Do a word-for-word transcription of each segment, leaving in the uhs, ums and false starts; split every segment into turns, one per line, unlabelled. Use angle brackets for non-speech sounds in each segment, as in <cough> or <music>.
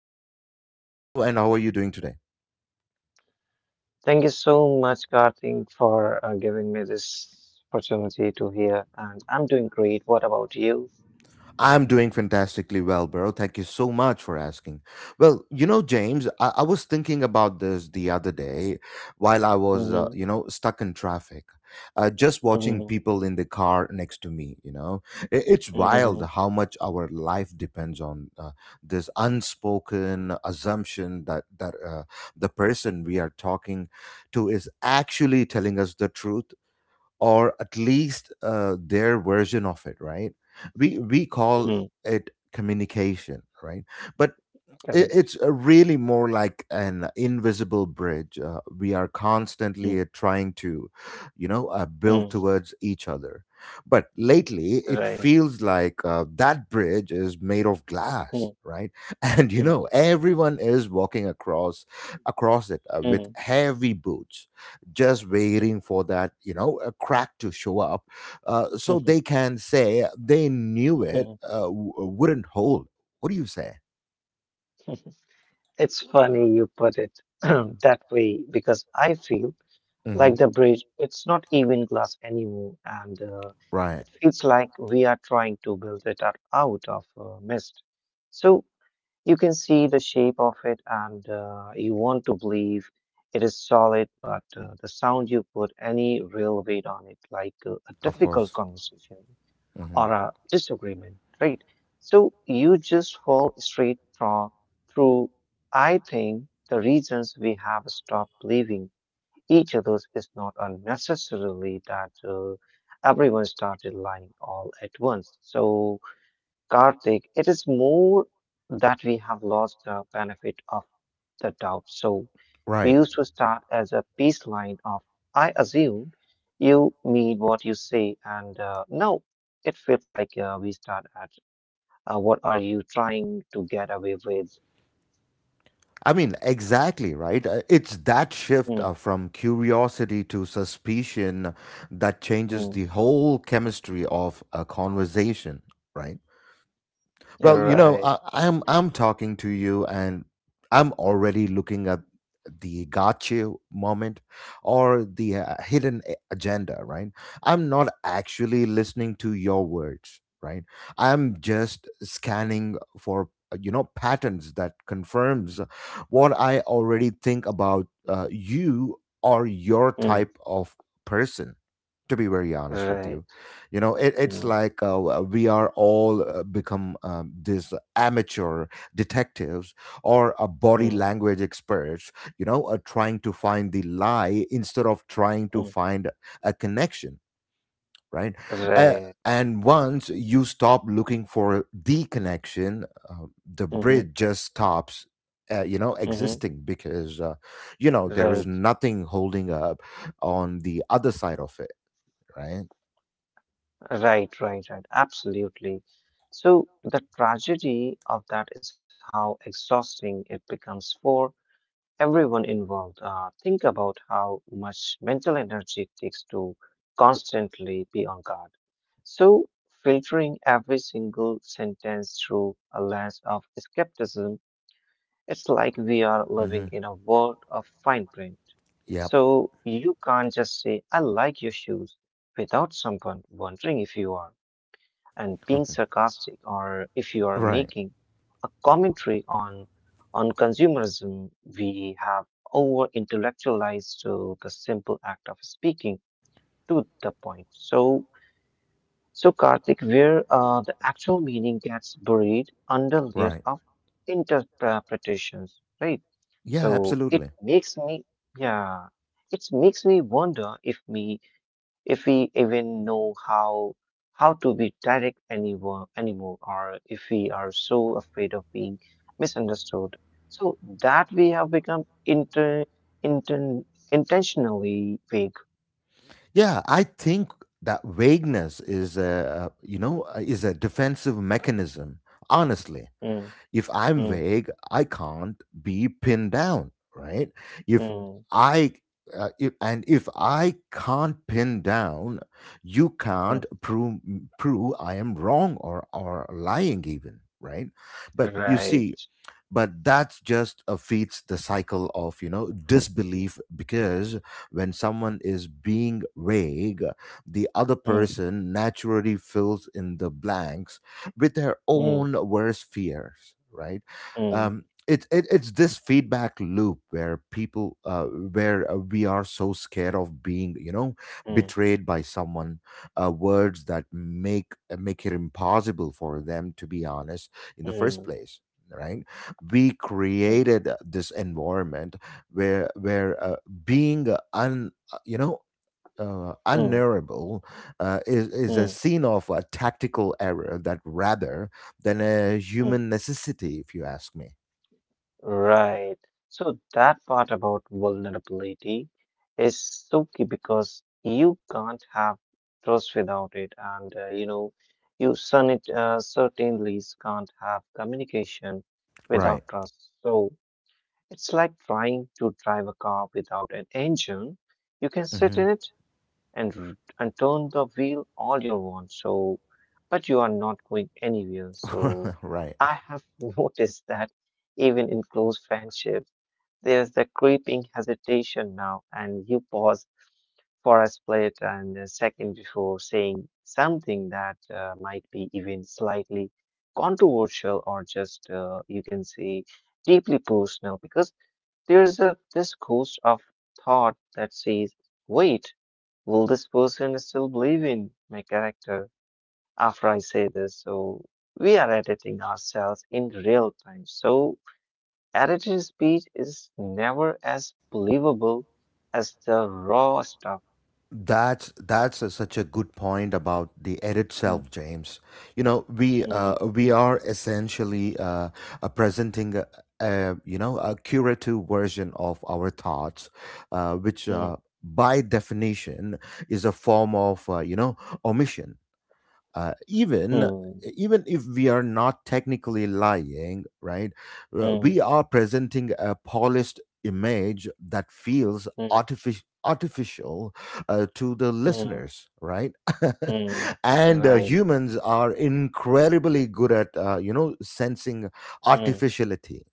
James, welcome to the show, and how are you doing today?
Thank you so much, Karthik, for uh, giving me this opportunity to hear. And I'm doing great. What about you?
I'm doing fantastically well, bro. Thank you so much for asking. Well, you know, James, I, I was thinking about this the other day while I was,
Mm-hmm.
uh, you know, stuck in traffic. Uh, just
Mm-hmm.
watching people in the car next to me, you know, I- it's
Mm-hmm.
wild how much our life depends on uh, this unspoken assumption that that uh, the person we are talking to is actually telling us the truth, or at least uh, their version of it, right? We we call
Hmm.
it communication, right? But it,
Correct.
it's uh, really more like an invisible bridge. Uh, we are constantly uh, trying to, you know, uh,
Mm-hmm.
build towards each other. But lately, it
Right.
feels like uh, that bridge is made of glass, right? <laughs> And you
Mm-hmm.
know, everyone is walking across across it uh, with
Mm.
heavy boots, just waiting for that, you know, a crack to show up, uh, so they can say they knew it
<laughs>
uh, w- wouldn't hold. What do you say?
It's funny you put it <clears throat> that way because I feel like the bridge, it's not even glass anymore, and uh, it
Right.
feels like we are trying to build it up out of uh, mist. So you can see the shape of it, and uh, you want to believe it is solid, but uh, the sound you put any real weight on it, like uh, a
Of
difficult
course.
conversation or
Hmm.
a disagreement, right? So you just fall straight thro- through. I think the reasons we have stopped believing each other's is not unnecessarily that uh, everyone started lying all at once. So Karthik, it is more that we have lost the benefit of the doubt. So we
Right.
used to start as a peace line of I assume you mean what you say, and uh, now it felt like uh, we start at uh, what are you trying to get away with?
I mean, exactly, right? Uh, It's that shift
Mm,
uh, from curiosity to suspicion that changes
mm,
the whole chemistry of a conversation, right? Well, you know,
right,
I, I'm I'm talking to you, and I'm already looking at the gotcha moment or the uh, hidden a- agenda. Right? I'm not actually listening to your words. Right? I'm just scanning for uh, you know patterns that confirms what I already think about uh, you or your
mm,
type of person. To be very honest with
right,
you, you know it, it's
mm,
like uh, we are all uh, become um, these amateur detectives or a body
mm,
language experts, you know uh, trying to find the lie instead of trying to
mm,
find a connection, right? uh,
right,
and once you stop looking for the connection, uh, the
mm-hmm,
bridge just stops, uh, you know
mm-hmm,
existing, because uh, you know there is
right.
nothing holding up on the other side of it, right?
Right, right, right. Absolutely. So the tragedy of that is how exhausting it becomes for everyone involved. Uh, think about how much mental energy it takes to constantly be on guard. So filtering every single sentence through a lens of skepticism, it's like we are
Hmm.
living in a world of fine print.
Yep.
So you can't just say, I like your shoes without someone wondering if you are and being sarcastic or if you are
Right.
making a commentary on on consumerism. We have over intellectualized to the simple act of speaking to the point, so so Karthik, where uh, the actual meaning gets buried under layers
Right.
of interpretations, right? So
Yeah,
it
absolutely.
makes me, yeah, it makes me wonder if me if we even know how how to be direct anymore anymore or if we are so afraid of being misunderstood so that we have become inter, inten intentionally vague.
Yeah, I think that vagueness is a, you know uh, is a defensive mechanism. Honestly,
Mm,
if I'm
mm,
vague, I can't be pinned down, right? If
mm,
I uh, if, and if I can't pin down, you can't
mm,
prove prove I am wrong or or lying even, right? But you see,
right,
but that just uh, feeds the cycle of, you know, disbelief, because when someone is being vague, the other
mm,
person naturally fills in the blanks with their
mm,
own worst fears, right?
mm,
Um it, it, it's this feedback loop where people uh, where uh, we are so scared of being, you know,
mm,
betrayed by someone, uh, words that make make it impossible for them to be honest in the first
mm,
place, right? We
mm,
created uh, this environment where where uh, being un uh, you know uh,
mm,
unnervable uh, is, is a
mm.
scene of a tactical error, that rather than a
mm.
human necessity, if you ask me,
Right. So that part about vulnerability is so key because you can't have trust without it, and uh, you know, you certain, uh, certainly can't have communication
right.
without trust. So it's like trying to drive a car without an engine. You can sit
Hmm.
in it, and r- and turn the wheel all you want. So, but you are not going anywhere. So,
<laughs> Right.
I have <laughs> noticed that even in close friendships, there's the creeping hesitation now, and you pause for a split and a second before saying something that uh, might be even slightly controversial or just uh, you can say deeply personal, because there's a this ghost of thought that says wait, will this person still believe in my character after I say this? So we are editing ourselves in real time. So edited speech is never as believable as the raw stuff.
That's that's a, such a good point about the air
Mm,
itself, James. You know, we uh,
mm,
we are essentially, uh, uh, presenting a, a you know a curative version of our thoughts, uh, which
mm,
uh, by definition, is a form of, uh, you know omission, uh, even
mm,
even if we are not technically lying, right? Uh,
mm,
we are presenting a polished image that feels
mm,
artificial artificial, uh, to the
mm,
listeners, right?
mm.
<laughs> And uh,
Right.
humans are incredibly good at, uh, you know sensing
Mm.
artificiality,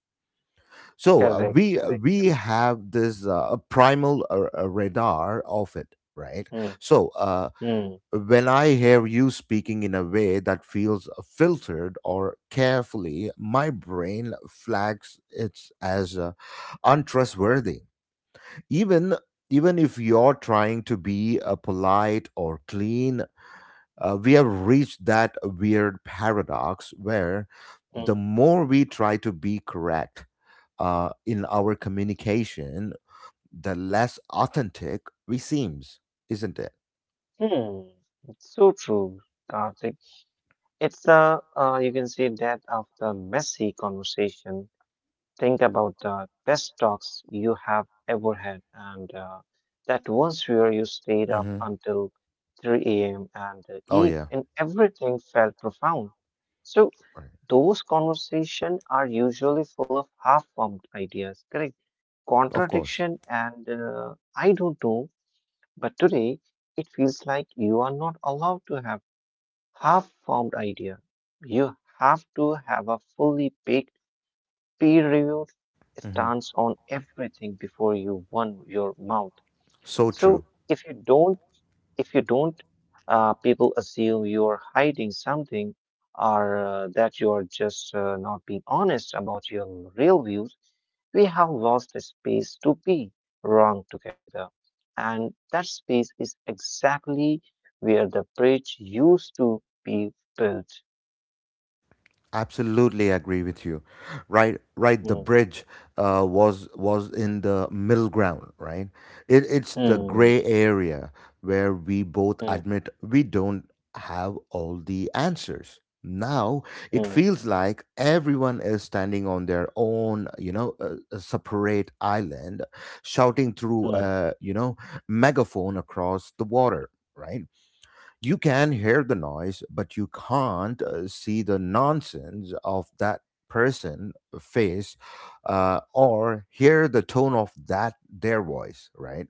so uh,
Correct.
we uh,
Correct.
we
Correct.
have this uh, primal uh, uh, radar of it, right?
Mm,
So uh,
mm,
when I hear you speaking in a way that feels filtered or carefully, my brain flags it as uh, untrustworthy. Even Even if you're trying to be uh, polite or clean, uh, we have reached that weird paradox where the
mm,
more we try to be correct uh, in our communication, the less authentic we seems, isn't it?
mm. It's so true, Karthik. It's the uh, you can say that of the messy conversation. Think about the best talks you have ever had, and uh, that once where you stayed up
Mm-hmm.
until three a m and uh,
Oh
eve,
yeah,
and everything felt profound. So
right.
those conversations are usually full of half-formed ideas, correct?
Of course.
Contradiction, and uh, I don't know. But today, it feels like you are not allowed to have half-formed idea. You have to have a fully baked, peer reviewed
Mm-hmm.
stance on everything before you won your mouth.
So true.
So if you don't, if you don't, uh, people assume you're hiding something or uh, that you're just uh, not being honest about your real views. We have lost the space to be wrong together. And that space is exactly where the bridge used to be built.
Absolutely agree with you. Right, right. The
Mm,
bridge uh, was was in the middle ground. Right, it, it's the gray
mm,
area where we both
mm,
admit we don't have all the answers. Now it
mm,
feels like everyone is standing on their own, you know, uh, a separate island, shouting through
mm,
a, you know megaphone across the water. Right, you can hear the noise, but you can't uh, see the nonsense of that person uh, face, uh, or hear the tone of that their voice, right?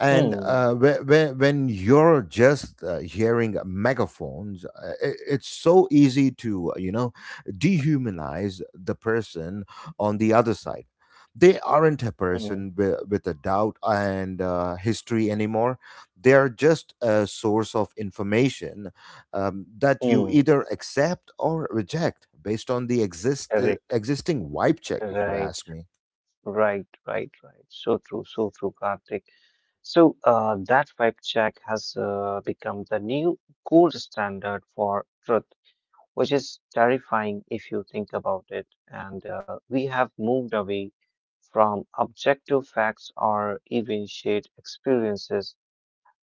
and
mm,
uh, whe- when you're just uh, hearing megaphones, uh, i- it's so easy to, uh, you know, dehumanize the person on the other side. They aren't a
mm.
person with, with a doubt and uh, history anymore. They are just a source of information um, that you
Hmm.
either accept or reject based on the exist-
Correct.
existing wipe check, if you
Right,
ask me.
right, right, right. So true, so true, Karthik. So uh, that vibe check has uh, become the new gold standard for truth, which is terrifying if you think about it. And uh, we have moved away from objective facts or even shared experiences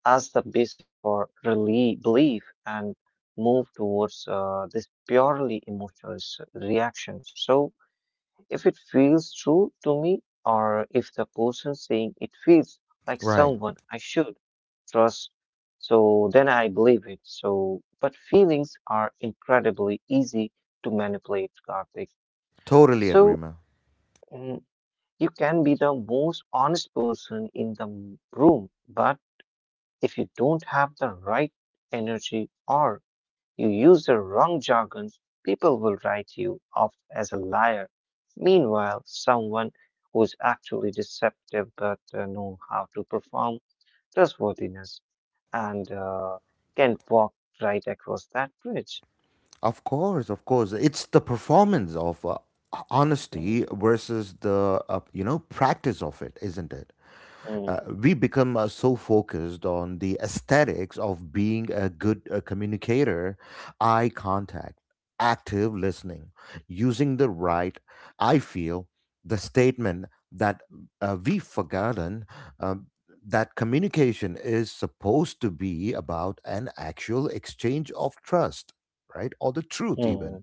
as the basis for relie- belief and move towards uh, this purely emotional s- reaction. So, if it feels true to me or if the person saying it feels like
Right.
someone I should trust, so then I believe it. So, but feelings are incredibly easy to manipulate, Karthik.
Totally agree,
So,
man.
mm, you can be the most honest person in the m- room, but if you don't have the right energy or you use the wrong jargon, people will write you off as a liar. Meanwhile, someone who's actually deceptive but uh, know how to perform trustworthiness and uh, can walk right across that bridge.
Of course, of course. It's the performance of uh,
Mm,
honesty versus the, uh, you know practice of it, isn't it?
mm,
uh, we become uh, so focused on the aesthetics of being a good uh, communicator, eye contact, active listening, using the right, I feel, the statement that uh, we've forgotten um, that communication is supposed to be about an actual exchange of trust, right? Or the truth,
mm,
even.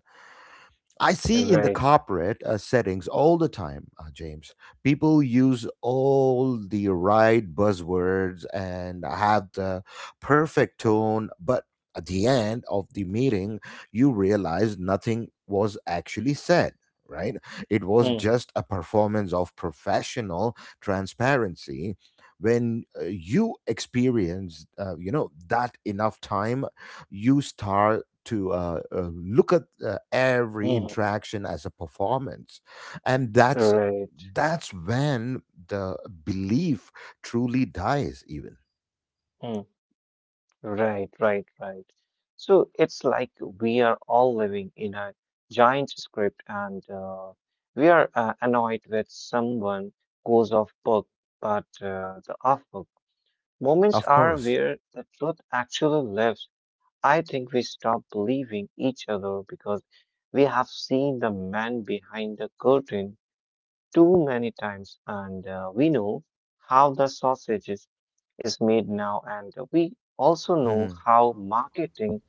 I see in the
right.
corporate uh, settings all the time, uh, James. People use all the right buzzwords and have the perfect tone, but at the end of the meeting, you realize nothing was actually said, right? It was
Mm,
just a performance of professional transparency. When uh, you experience, uh, you know, that enough time, you start to uh, uh, look at uh, every
mm,
interaction as a performance, and that's
right.
that's when the belief truly dies, even.
Mm. Right, right, right. So it's like we are all living in a giant script and uh, we are uh, annoyed with someone goes off book, but uh, the off book moments
Of
are
course.
where the truth actually lives. I think we stop believing each other because we have seen the man behind the curtain too many times, and uh, we know how the sausages is made now, and we also know
Hmm.
how marketing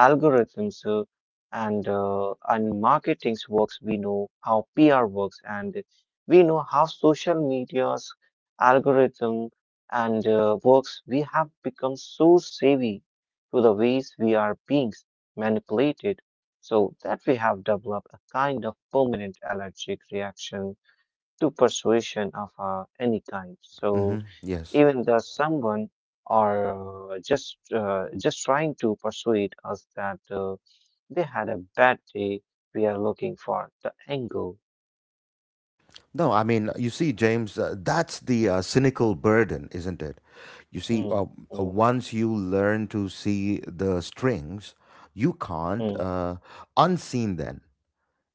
algorithms uh, and uh, and marketing works. We know how P R works, and we know how social media's algorithm and uh, works. We have become so savvy to the ways we are being manipulated, so that we have developed a kind of permanent allergic reaction to persuasion of uh, any kind. So
Hmm. Yes.
even though someone are uh, just uh, just trying to persuade us that uh, they had a bad day, we are looking for the angle.
No, I mean, you see, James, uh, that's the uh, cynical burden, isn't it? You see, uh,
Mm,
uh,
mm,
once you learn to see the strings, you can't
mm,
uh, unseen them,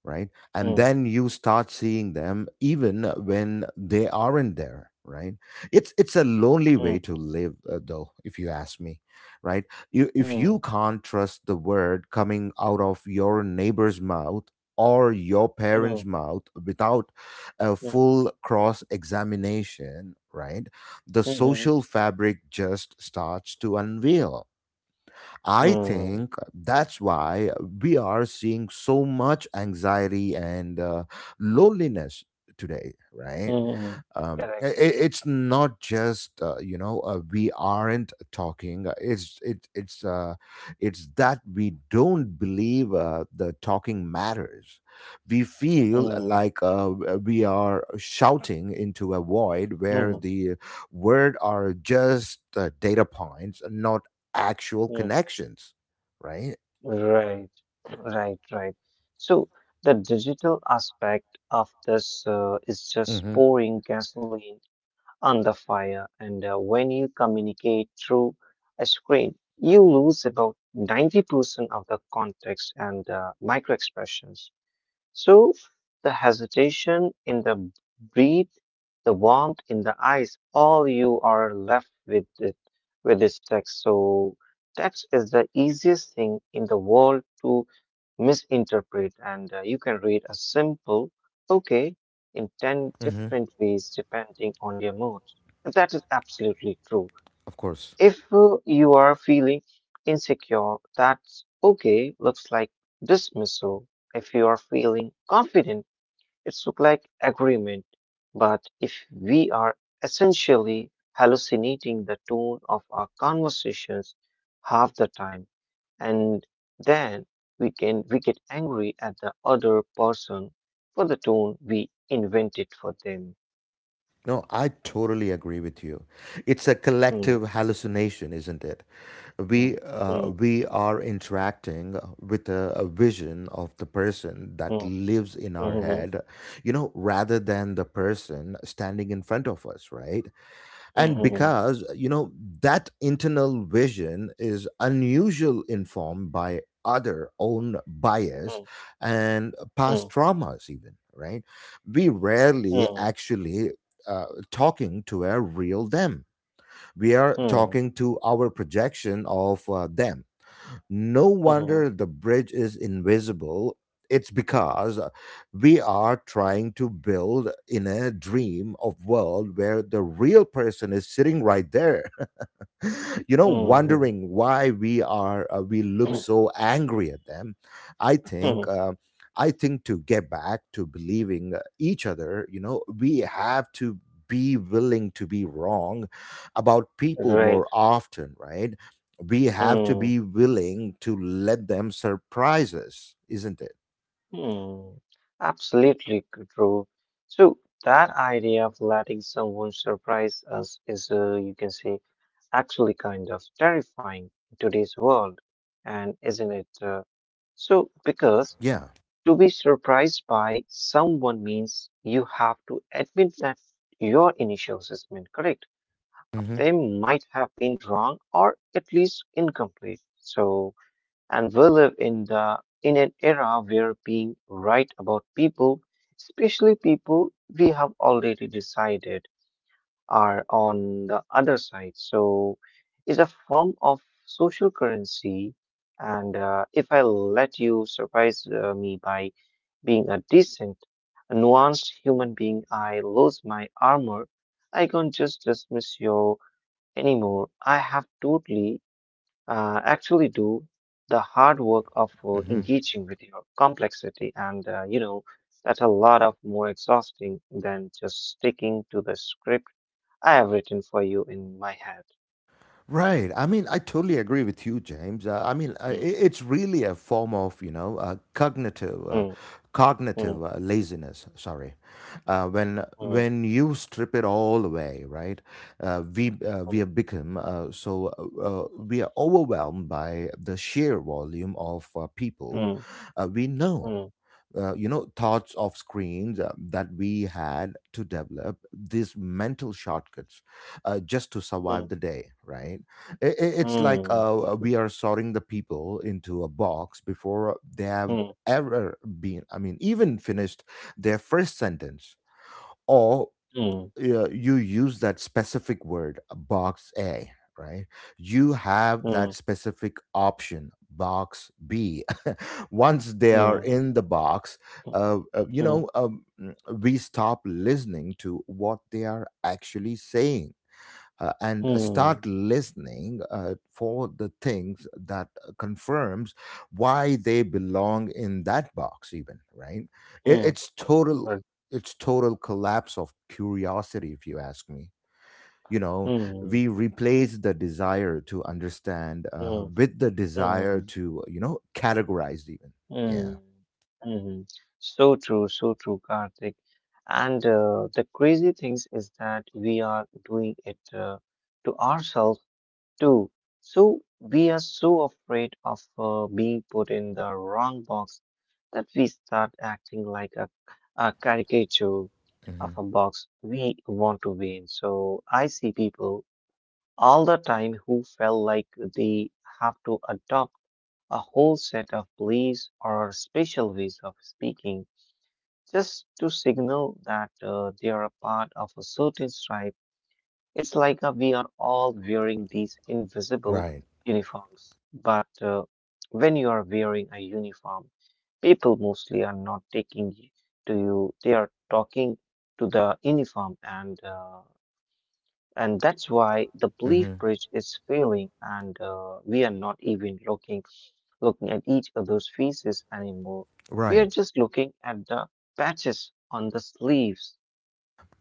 right? And
mm,
then you start seeing them even when they aren't there, right? It's it's a lonely way to live, uh, though, if you ask me, right? You, if
mm,
you can't trust the word coming out of your neighbor's mouth or your parents'
mm,
mouth without a
mm, mm,
full cross examination, right? The
mm,
social fabric just starts to unveil. I
mm,
think that's why we are seeing so much anxiety and uh, loneliness today,
mm,
right?
mm,
Um, i
correct.
i- it's not just, uh, you know uh, we aren't talking, uh, it's it, it's uh, it's that we don't believe uh, the talking matters. We feel
Mm,
like uh, we are shouting into a void where the word are just uh, data points, not actual
mm,
connections, right?
right, right, right. So the digital aspect of this uh, is just
Hmm.
pouring gasoline on the fire. And uh, when you communicate through a screen, you lose about ninety percent of the context and uh, micro expressions. So the hesitation in the breath, the warmth in the eyes, all you are left with it, with this text. So text is the easiest thing in the world to misinterpret, and uh, you can read a simple okay in ten
Hmm.
different ways depending on your mood. And that is absolutely true.
Of course.
If uh, you are feeling insecure, that's okay, looks like dismissal. If you are feeling confident, it's look like agreement. But if we are essentially hallucinating the tone of our conversations half the time, and then we can we get angry at the other person for the tone we invented for them.
No, I totally agree with you. It's a
Hmm,
collective hallucination, isn't it?
hmm,
we uh,
hmm,
we are interacting with a, a vision of the person that
hmm,
lives in our
hmm, hmm,
head, you know rather than the person standing in front of us, right?
hmm,
And
hmm, hmm. Hmm.
because, you know that internal vision is unusual informed by other own
Hmm,
bias and
hmm.
past traumas, even, right? We rarely
Mm,
actually, uh, talking to a real them. We are
mm,
talking to our projection of uh, them. No
mhm,
wonder the bridge is invisible. It's because we are trying to build in a dream of world where the real person is sitting right there. <laughs> you know
mm,
wondering why we are uh, we look
mhm,
so angry at them. i
mhm.
think uh, I think to get back to believing uh, each other, you know we have to be willing to be wrong about
<clears throat>
people
Right.
more often, right? We have to
Mm,
be willing to let them surprise us, isn't it?
mm. Absolutely true. So that idea of letting someone surprise us is, uh, you can say, actually kind of terrifying in today's world, and isn't it? Uh, so because
Yeah.
to be surprised by someone means you have to admit that your initial assessment correct,
Hmm.
they might have been wrong or at least incomplete. So, and we live in the in an era where being right about people, especially people we have already decided are on the other side, so is a form of social currency. And uh, if I let you surprise uh, me by being a decent, a nuanced human being, I lose my armor. I can't just dismiss your anymore. I have totally uh, actually do the hard work of uh, engaging with your complexity, and uh, you know that's a lot of more exhausting than just sticking to the script I have written for you in my head.
Right. I mean, I totally agree with you, James. Uh, I mean, uh, i-
Mm,
it's really a form of, you know, uh, cognitive, uh,
mm,
cognitive
mm,
uh, laziness. Sorry, uh, when
mm,
when you strip it all away, right? Uh, we uh, we have become uh, so uh, uh, we are overwhelmed by the sheer volume of uh, people
mm,
uh, we know,
mm,
uh, you know thoughts off screens uh, that we had to develop these mental shortcuts uh, just to survive
mm,
the day, right? I- i- it's like
mm,
uh, we are sorting the people into a box before they have
mm,
ever been, I mean, even finished their first sentence, or
mm,
uh, you use that specific word, uh, box A, right? You have that specific option, box B. <laughs> Once they
mm,
are
mm,
in the box, uh, uh, you
mm, mm,
know, um, mm, we stop listening to what they are actually saying uh, and
mm,
start listening uh, for the things that confirms why they belong in that box even, right? it,
mm, mm,
it's total it's total collapse of curiosity if you ask me you know
mm,
we replace the desire to understand uh,
mm,
with the
mm, mm,
desire
mm,
to you know categorize even. Yeah.
mm, mhm. So true, so true, Karthik. And uh, the crazy things is that we are doing it uh, to ourselves too. So we are so afraid of uh, being put in the wrong box that we start acting like a, a caricature of
Hmm.
a box we want to be in. So I see people all the time who felt like they have to adopt a whole set of beliefs or special ways of speaking just to signal that uh, they are a part of a certain tribe. It's like uh, we are all wearing these invisible
Right.
uniforms. But uh, when you are wearing a uniform, people mostly are not taking y- to you, they are talking to the uniform and uh, and that's why the belief
Hmm.
bridge is failing and uh, we are not even looking looking at each other's faces anymore. We are
Right.
just looking at the patches on the sleeves.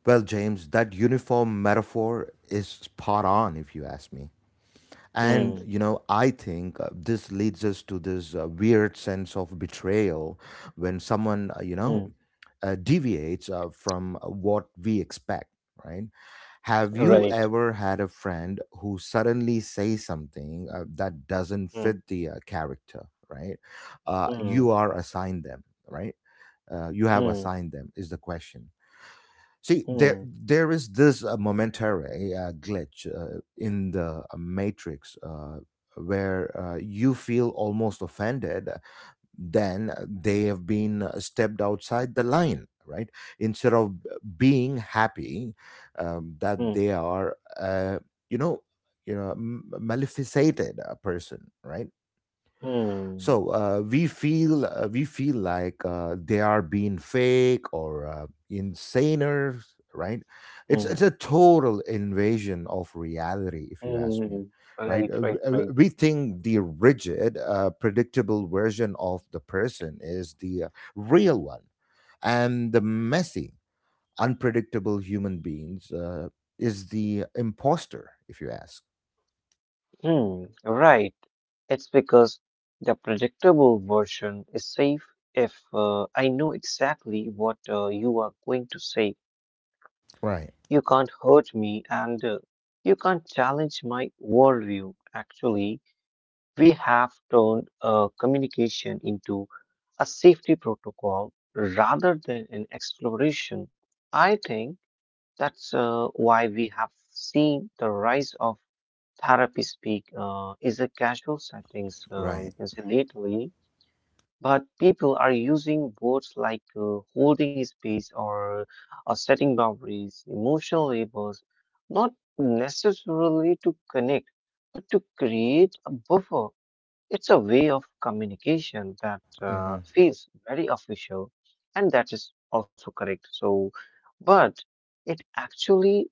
Well, James, that uniform metaphor is spot on if you ask me. And,
Hmm.
you know, I think uh, this leads us to this uh, weird sense of betrayal when someone, uh, you know,
Hmm.
uh, deviates uh, from uh, what we expect, right? Have you
Right.
ever had a friend who suddenly says something uh, that doesn't fit
Hmm.
the uh, character, right? Uh,
Hmm.
you are assigned them, right? Uh, you have
Hmm.
assigned them, is the question. See, there
Hmm.
there is this uh, momentary uh, glitch uh, in the uh, matrix, uh, where uh, you feel almost offended. uh, Then they have been uh, stepped outside the line, right? Instead of b- being happy um, that
Hmm.
they are, uh, you know, you know, m- maleficated a person, right?
Hmm.
So uh, we feel uh, we feel like uh, they are being fake or uh, insaners, right? it's
Hmm.
it's a total invasion of reality if you ask me,
Hmm.
right?
Right.
Uh, w-
Right.
uh,
Right.
we think the rigid uh, predictable version of the person is the uh, real one, and the messy unpredictable human beings uh, is the imposter if you ask.
Hmm. Right. It's because the predictable version is safe. If uh, I know exactly what uh, you are going to say,
Right.
you can't hurt me, and uh, you can't challenge my worldview. Actually, We have turned uh, communication into a safety protocol rather than an exploration. I think that's uh, why we have seen the rise of therapy speak, uh, is a casual settings, uh,
Right.
you can say lately, but people are using words like uh, holding space, or uh, setting boundaries, emotional labels, not necessarily to connect, but to create a buffer. It's a way of communication that uh,
Hmm.
feels very official, and that is also correct. So, but it actually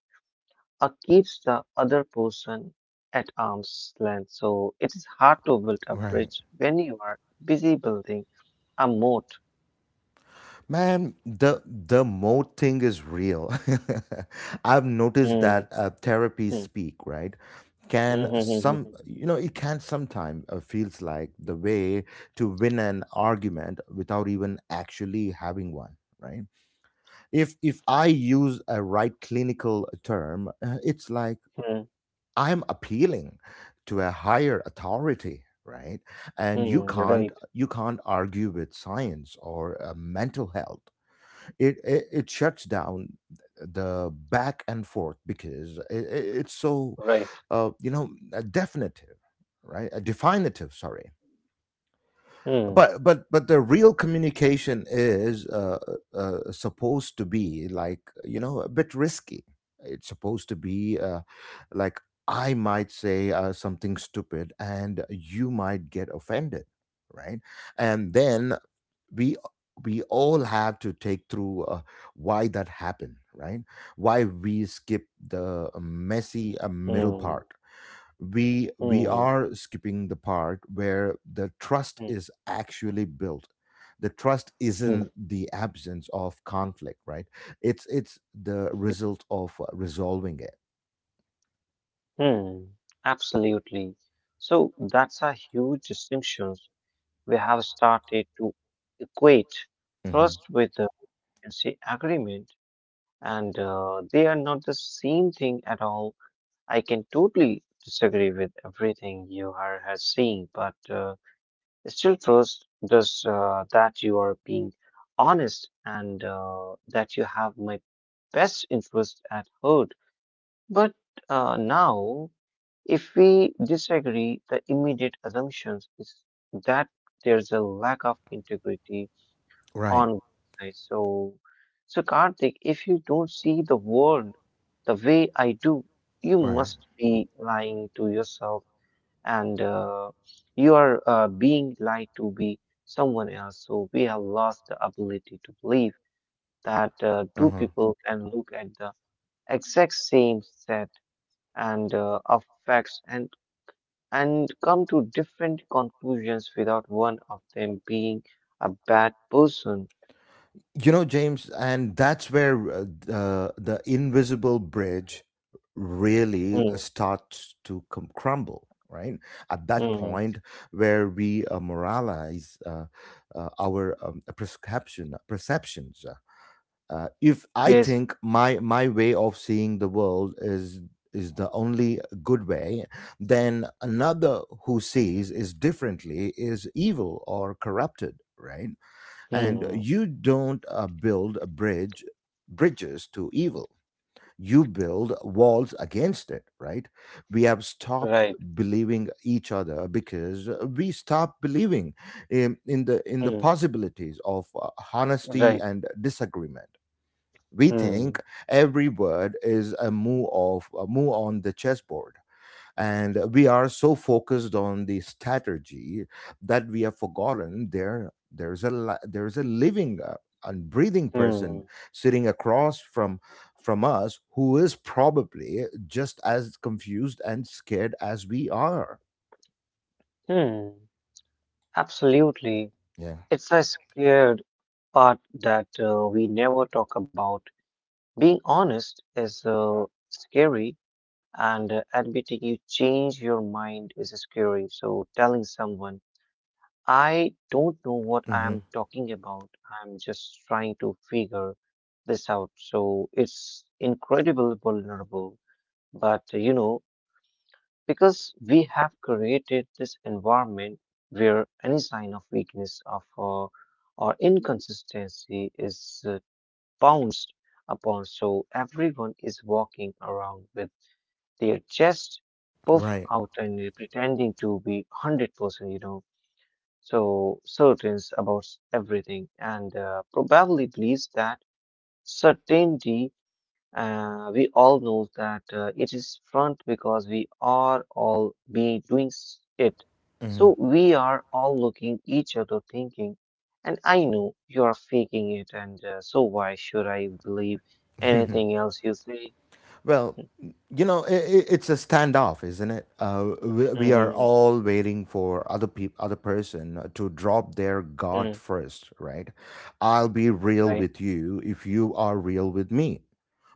uh, keeps the other person at arm's length. So, it is hard to build a
Right.
bridge when you are busy building a moat.
Man, the the mode thing is real. <laughs> I've noticed
Mm,
that uh, therapy
mm,
speak, right?
mm,
Can
mm,
some,
mm,
you know, it can sometimes uh, feels like the way to win an argument without even actually having one, right? If if I use a right clinical term, uh, it's like
mm, mm, mm,
I'm appealing to a higher authority, right? And you
mm, <laughs>
can't
right,
you can't argue with science or uh, mental health. It it, it shuts down the back and forth because it, it- it's so
right.
uh, you know uh, definitive, right? Uh, definitive, sorry.
Mm,
But but but the real communication is, uh, uh, uh, supposed to be like, you know a bit risky. It's supposed to be, uh, like, I might say uh, something stupid and you might get offended, right? And then we we all have to take through, uh, why that happened, right? Why we skip the um, messy uh, middle part.
mm,
We we
mm,
are skipping the part where the trust
mm,
is actually built. The trust isn't
mm,
the absence of conflict, right? It's it's the result of uh, resolving it.
mm. Absolutely. So that's a huge distinction. We have started to equate
Hmm.
trust with, uh, you can say, agreement, and uh, they are not the same thing at all. I can totally disagree with everything you are has seen, but uh, still, trust does uh, that you are being honest, and uh, that you have my best interest at heart. But uh, now if we disagree, the immediate assumption is that there's a lack of integrity
Right.
on one side. So, so Karthik, if you don't see the world the way I do, you
Right.
must be lying to yourself, and uh, you are uh, being lied to be someone else. So we have lost the ability to believe that uh, two
Uh-huh.
people can look at the exact same set and uh, of facts, and and come to different conclusions without one of them being a bad person.
You know, James, and that's where uh, the, the invisible bridge really uh,
Mm,
starts to com- crumble, right? At that
mm,
point where we uh, moralize, uh, uh, our um, prescription, perceptions. Uh, uh, if I
yes,
think my, my way of seeing the world is is the only good way, then another who sees is differently is evil or corrupted, right? And
mm,
you don't uh, build a bridge bridges to evil, you build walls against it, right? We have stopped
right,
believing each other because we stopped believing in, in the in the
mm,
possibilities of uh, honesty
right,
and disagreement. We
mm,
think every word is a move of a move on the chessboard, and we are so focused on the strategy that we have forgotten there there's a li- there's a living uh, and breathing
mm,
person sitting across from from us, who is probably just as confused and scared as we are.
mm, absolutely.
Yeah.
It's a scared part that uh, we never talk about. Being honest is uh, scary, and uh, admitting you change your mind is scary. So, telling someone I don't know what I am
Hmm.
talking about. I'm just trying to figure this out. So it's incredible vulnerable. But uh, you know, because we have created this environment where any sign of weakness of uh, or inconsistency is uh, pounced upon, so everyone is walking around with their chest puffed
Right.
out and pretending to be one hundred percent, you know so certain about everything, and uh, probably believes that certainty. Uh, we all know that uh, it is front because we are all be doing s- it. So we are all looking each other thinking, and I know you are faking it, and uh, so why should I believe anything else you say.
Well, you know, i i- it's a standoff, isn't it? Uh, we,
<laughs>
we are
Hmm,
all waiting for other peop other person to drop their guard first, right? I'll be real
right.
with you if you are real with me.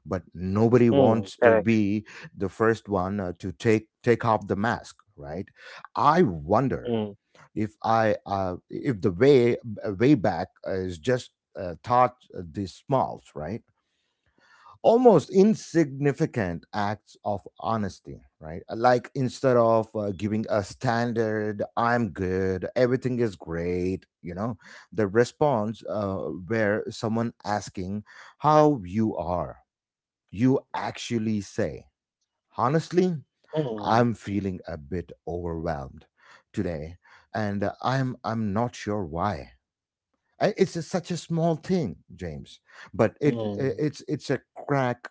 But nobody
Mm,
wants to
correct.
be the first one uh, to take take off the mask, right? I wonder
Mm,
if I uh, if the way way back is just uh, taught uh, these smalls, right? Almost insignificant acts of honesty, right? Uh, Like instead of uh, giving a standard, I'm good, everything is great, you know, the response uh, where someone asking how you are, you actually say, honestly,
mm,
I'm feeling a bit overwhelmed today, and uh, I'm I'm not sure why. I- It's a- such a small thing, James, but it
mm,
it's it's a crack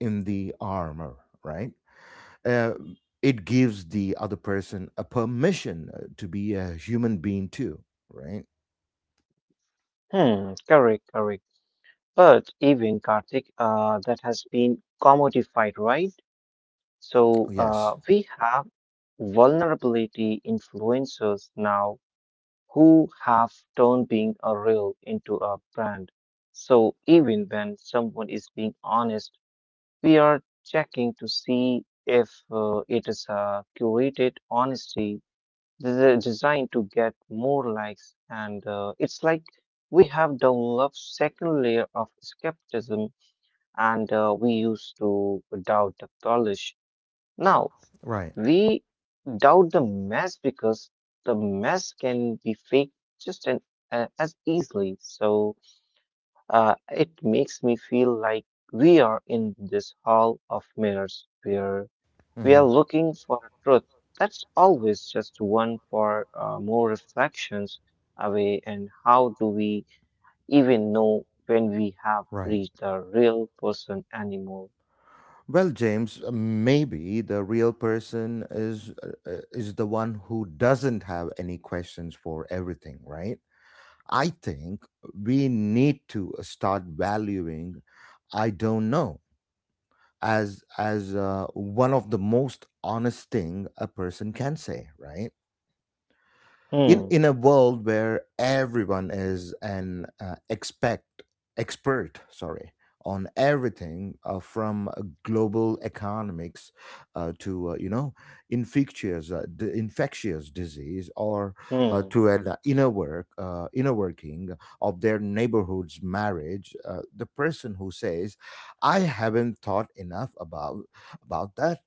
in the armor, right? Uh, it gives the other person a permission uh, to be a human being too, right?
mm, correct, correct. But even Karthik, uh, that has been commodified, right? So uh,
Yes.
we have vulnerability influencers now who have turned being a real into a brand. So even when someone is being honest, we are checking to see if uh, it is a curated honesty des- designed to get more likes. And uh, it's like we have developed second layer of skepticism, and uh, we used to doubt the polish. Now
Right.
we doubt the mess because the mess can be faked just an, uh, as easily. So uh, it makes me feel like we are in this hall of mirrors where we
Hmm.
are looking for a truth that's always just one for uh, more reflections away. And how do we even know when we have
Right.
reached the real person anymore?
Well, James, uh, maybe the real person is uh, uh, is the one who doesn't have any questions for everything, right? I think we need to uh, start valuing I don't know as as uh, one of the most honest thing a person can say, right? in
Hmm.
in a world where everyone is an uh, expect expert, sorry, on everything, uh, from uh, global economics uh, to, uh, you know infectious uh, d- infectious disease, or uh,
Hmm.
to an uh, inner work uh, inner working of their neighborhood's marriage, uh, the person who says I haven't thought enough about about that,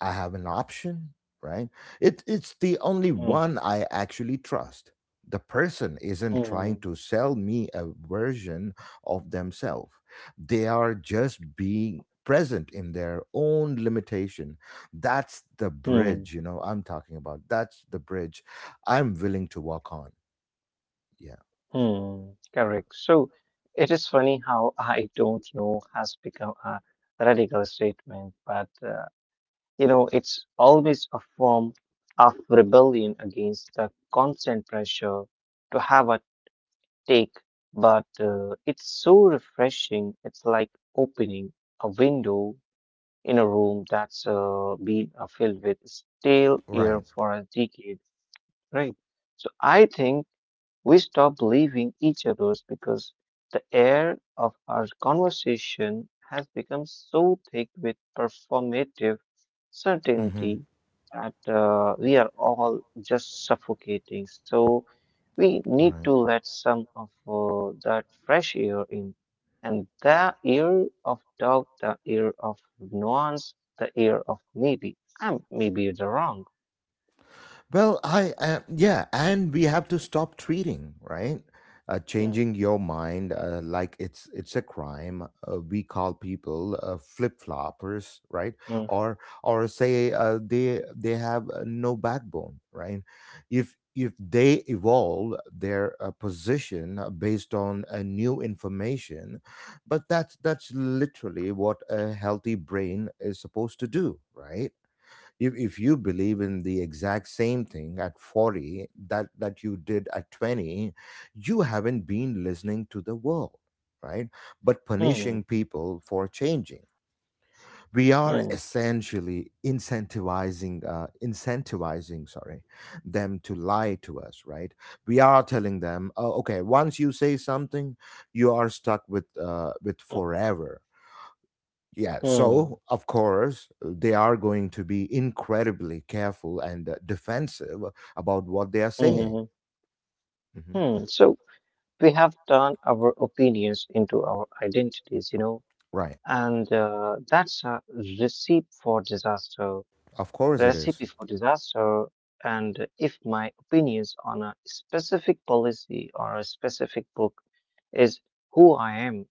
I have an option, right? It, it's the only
Mm,
one I actually trust. The person isn't trying
mm,
to sell me a version of themselves. They are just being present in their own limitation. That's the
mm,
bridge, you know, I'm talking about. That's the bridge I'm willing to walk on. Yeah.
mm. Correct. So it is funny how I don't know has become a radical statement, but uh, you know, it's always a form of rebellion against the constant pressure to have a take. But uh, it's so refreshing. It's like opening a window in a room that's uh, been uh, filled with stale air
Right.
for a decade, right? So I think. We stop believing each other's because the air of our conversation has become so thick with performative
Mm-hmm.
certainty that uh, we are all just suffocating. So we need to
Right.
let some of uh, that fresh air in. And the air of doubt, the air of nuance, the air of maybe. I'm maybe the wrong.
Well, I uh, yeah, and we have to stop treating, right, uh,
Mm,
changing your mind uh, like it's it's a crime. Uh, we call people uh, flip floppers,
mm,
right? Or or say uh, they they have uh, no backbone, right? If if they evolve their uh, position uh, based on uh, new information, but that's that's literally what a healthy brain is supposed to do, right? if, if you believe in the exact same thing at forty that that you did at twenty, you haven't been listening to the world, right? But
mm,
punishing people for changing, we are
mm,
essentially incentivizing uh, incentivizing, sorry, them to lie to us, right? We are telling them, oh, okay, once you say something, you are stuck with uh, with
mm,
forever. Yeah,
mm,
so of course, they are going to be incredibly careful and uh, defensive about what they are saying.
mm.
Mhm.
Hmm. So we have turned our opinions into our identities, you know,
Right.
and uh, that's a recipe for disaster.
Of course it is.
Recipe for disaster. And if my opinions on a specific policy or a specific book is who I am,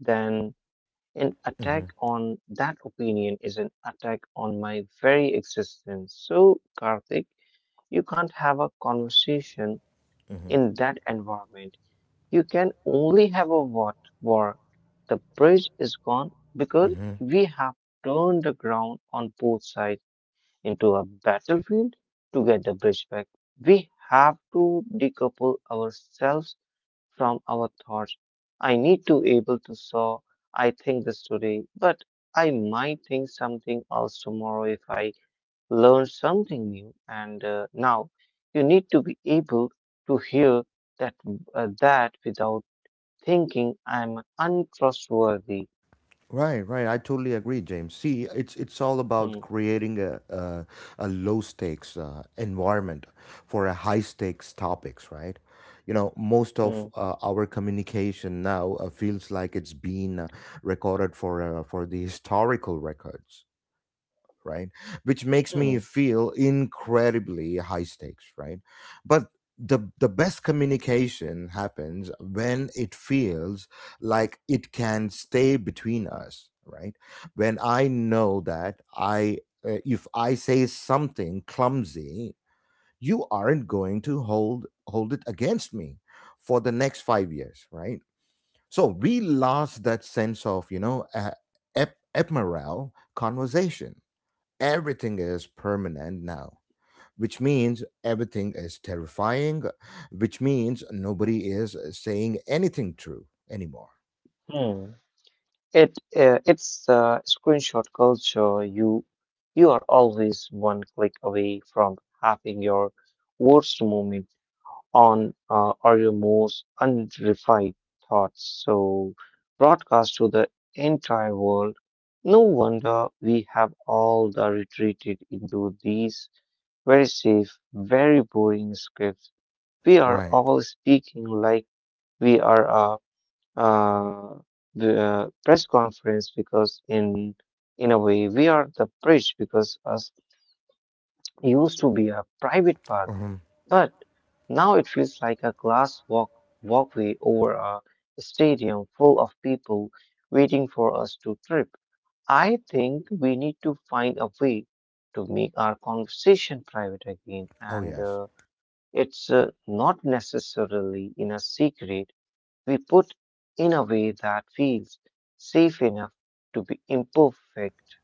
then an attack
Mhm,
on that opinion is an attack on my very existence. So, Karthik, you can't have a conversation
mhm,
in that environment, you can only have a what war. The bridge is gone because
mhm.
we have turned the ground on both sides into a battlefield. To get the bridge back, we have to decouple ourselves from our thoughts. I need to able to saw I think this today, but I might think something else tomorrow if I learn something new. And uh, now you need to be able to hear that, uh, that without thinking I'm untrustworthy.
Right, right. I totally agree, James. See, it's it's all
Hmm,
about creating a a, a low stakes uh, environment for a high stakes topics, right? You know, most of
hmm,
uh, our communication now uh, feels like it's been uh, recorded for uh, for the <laughs> historical records, right? Which makes me
hmm,
feel incredibly high stakes, right? But the, the best communication happens when it feels like it can stay between us, right? When I know that I, uh, if I say something clumsy, you aren't going to hold hold it against me for the next five years, right? So we lost that sense of you know uh, ep- ephemeral conversation. Everything is permanent now, which means everything is terrifying, which means nobody is saying anything true anymore.
hmm. It uh, it's the screenshot culture. You you are always one click away from having your worst moment on uh, or your most unrefined thoughts. So broadcast to the entire world. No wonder we have all the retreated into these very safe, very boring scripts. We are
Right.
all speaking like we are a uh, the uh, press conference because in in a way we are the bridge, because us used to be a private park, but now it feels like a glass walk walkway over a stadium full of people waiting for us to trip. I think we need to find a way to make our conversation private again,
Oh,
and
yes.
uh, it's uh, not necessarily in a secret we put in a way that feels safe enough to be imperfect.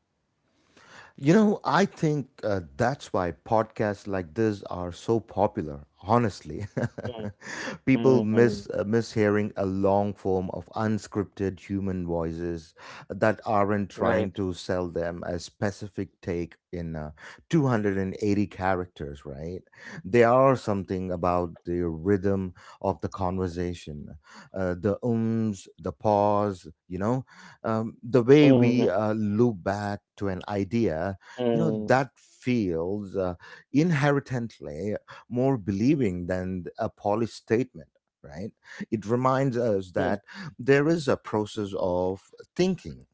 You know, I think uh, that's why podcasts like this are so popular. Honestly,
Mm,
<laughs> people
mm,
miss
mm.
uh, miss hearing a long form of unscripted human voices that aren't trying
Right.
to sell them a specific take in uh, two hundred eighty characters. Right? There are something about the rhythm of the conversation, uh, the ums, the pause. You know, um, the way we
Mm,
uh, loop back to an idea, you know,
mm,
that feels uh, inherently more believing than a polished statement, right? It reminds us
mm,
that there is a process of thinking,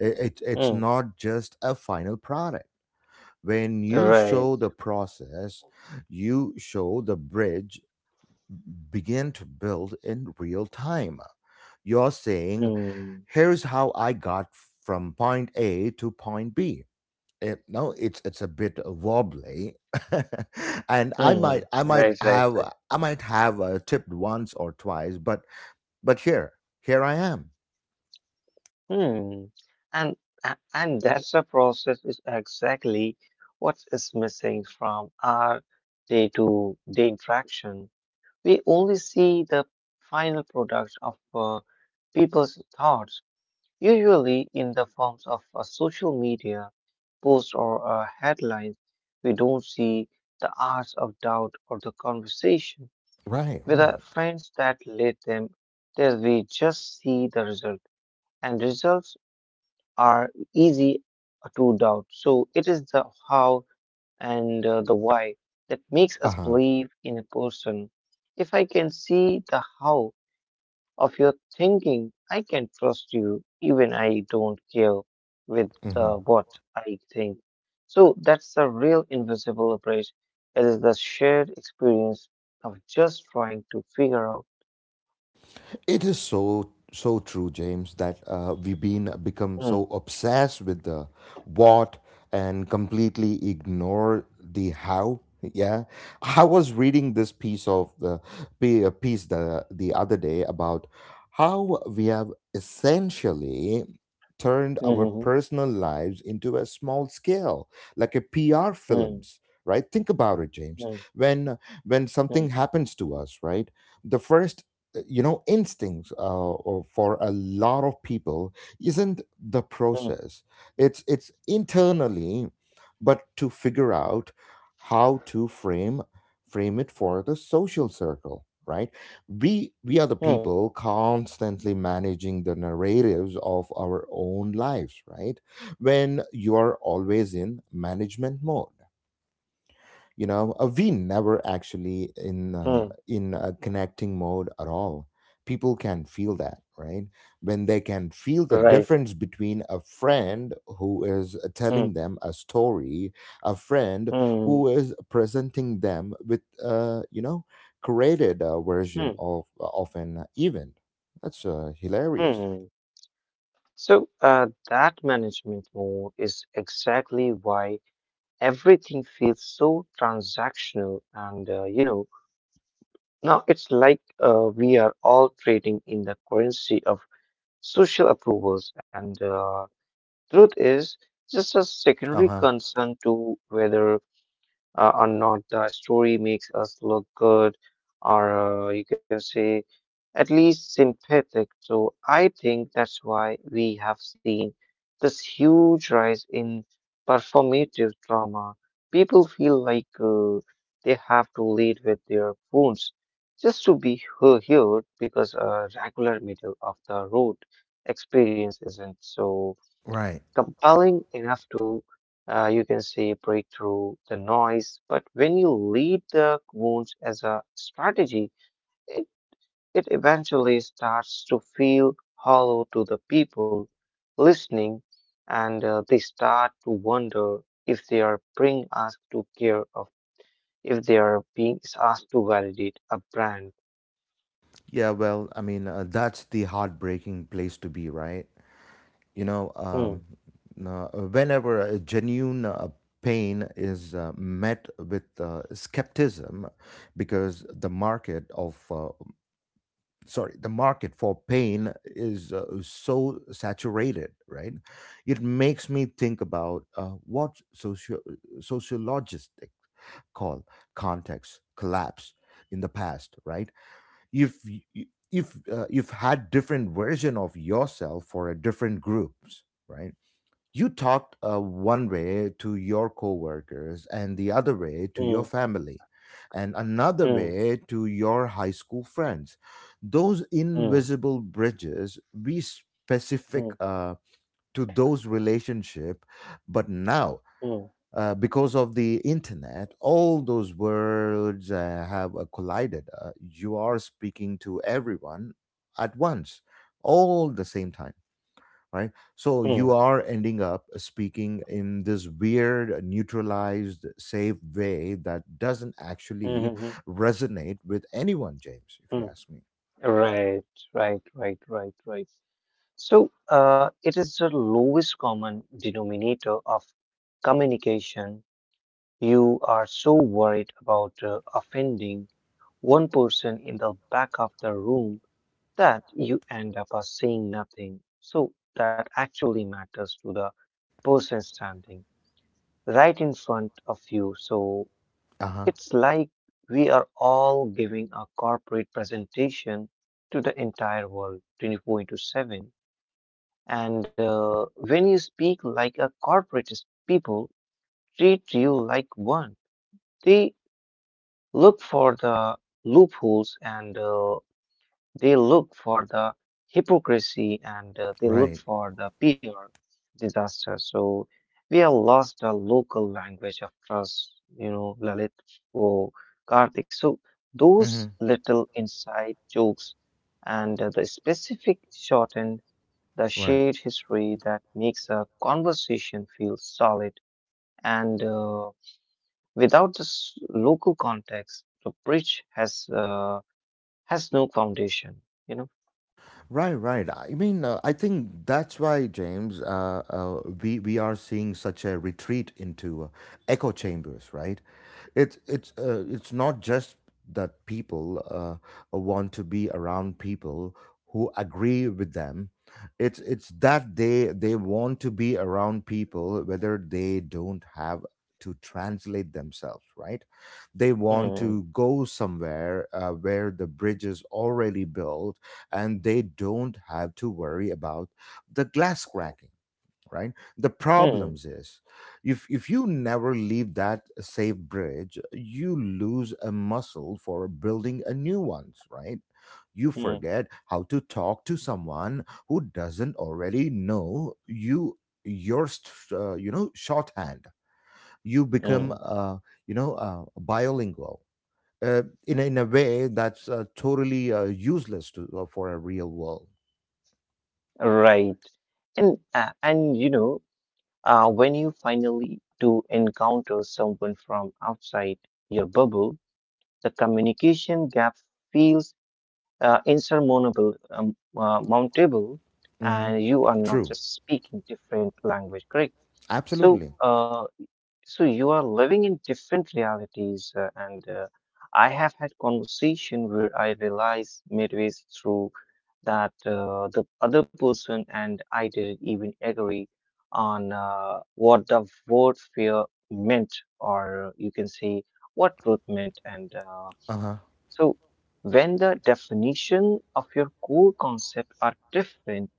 I- it, it's
mm.
not just a final product. When you
Right.
show the process, you show the bridge begin to build in real time. You're saying
Mm,
here's how I got from point A to point B. It, no, it's it's a bit wobbly, <laughs> and I might
mm.
I might
Right, right,
have
right.
I might have uh, tipped once or twice, but but here here I am.
Mm. And a- and that's the process is exactly what is missing from our day-to-day interaction. We only see the final product of uh, people's thoughts, usually in the forms of a social media post or a headline. We don't see the hours of doubt or the conversation
Right,
with our
right.
friends that led them there. We just see the result, and results are easy to doubt. So it is the how and uh, the why that makes us
Uh
believe in a person. If I can see the how of your thinking, I can trust you even I don't care with
huh.
the what I think. So that's the real invisible bridge. It is the shared experience of just trying to figure out.
It is so so true, James, that uh, we've been become
Hmm,
so obsessed with the what and completely ignore the how. Yeah, I was reading this piece of the pi- uh, piece the the other day about how we have essentially turned our
hmm,
personal lives into a small scale, like a P R
hmm,
films. Right? Think about it, James.
hmm,
When when
hmm,
something happens to us, right? The first uh, you know instincts uh, or for a lot of people isn't the
hmm,
process, it's it's internally but to figure out how to frame frame it for the social circle, right? We we are the
hmm, hmm,
people constantly managing the narratives of our own lives, right? When you are always in management mode, you know uh, we never actually in uh,
hmm,
in a connecting mode at all. People can feel that, right? When they can feel the
right.
difference between a friend who is
Hmm,
telling them a story, a friend
hmm,
who is presenting them with uh you know created uh, version
hmm,
of of an event, that's uh, hilarious.
hmm. So uh, that management mode is exactly why everything feels so transactional, and uh, you know now it's like uh, we are all trading in the currency of social approvals, and uh, truth is just a secondary
Uh-huh.
concern to whether uh, or not the story makes us look good, or uh, you can say at least sympathetic. So I think that's why we have seen this huge rise in performative drama. People feel like they have to lead with their wounds just to be he- heard, because a regular middle of the road experience isn't so
Right.
compelling enough to, uh, you can say, break through the noise. But when you lead the wounds as a strategy, it, it eventually starts to feel hollow to the people listening, and uh, they start to wonder if they are being asked to care, if they are being asked to validate a brand.
Yeah, well, I mean, uh, that's the heartbreaking place to be, right? you know
Hmm,
um, uh, Whenever a genuine uh, pain is uh, met with uh, skepticism because the market of uh, sorry the market for pain is uh, so saturated, right? It makes me think about uh, what socio- sociologists call context collapse in the past, right? If y- y- if uh, you've had different version of yourself for a different groups, right? You talked uh, one way to your coworkers and the other way to your
hmm,
family and another
hmm,
way to your high school friends. Those
hmm,
invisible bridges, be specific
hmm,
uh, to those relationship, but now
hmm,
uh, because of the internet, all those words uh, have uh, collided. Uh, you are speaking to everyone at once, all the same time, right? So
hmm,
you are ending up speaking in this weird, neutralized, safe way that doesn't
hmm,
actually
hmm, hmm.
resonate with anyone, James, if you
Hmm.
ask me.
Right, right, right, right, right. So uh, it is the lowest common denominator of communication. You are so worried about uh, offending one person in the back of the room that you end up uh, saying nothing. So that actually matters to the person standing. Right in front of you. So
Uh huh.
it's like we are all giving a corporate presentation to the entire world twenty four into seven. And uh, when you speak like a corporate, people treat you like one. They look for the loopholes, and uh, they look for the hypocrisy, and uh, they
Right.
look for the peer disaster. So we have lost our local language of trust, you know, Lalit or Karthik. So
Mm
those
hmm.
little inside jokes and uh, the specific shortened, the
Right.
shared history that makes a conversation feel solid, and uh, without this local context, the bridge has uh, has no foundation. You know.
Right, right. I mean, uh, I think that's why, James, uh, uh, we we are seeing such a retreat into uh, echo chambers, right? It's it's uh, it's not just that people uh, want to be around people who agree with them. It's it's that they they want to be around people whether they don't have to translate themselves, right? They want
Mm,
to go somewhere uh, where the bridge is already built and they don't have to worry about the glass cracking, right? The
mm,
problems is, if if you never leave that safe bridge, you lose a muscle for building a new ones, right? You
mm,
forget how to talk to someone who doesn't already know you, your st- uh, you know shorthand. You become
mm.
uh, you know uh, bilingual uh, in, a- in a way that's uh, totally uh, useless to, uh, for a real world.
Right. And uh, and you know, uh, when you finally do encounter someone from outside your bubble, the communication gap feels uh, insurmountable, um, uh, mountable,
Hmm.
and you are not
True.
just speaking different language, correct? So,
Absolutely.
uh, So you are living in different realities, uh, and uh, I have had conversation where I realized midway through that uh, the other person and I didn't even agree on uh, what the word fear meant, or uh, you can say what truth meant. And uh,
Uh huh.
so when the definition of your core concept are different,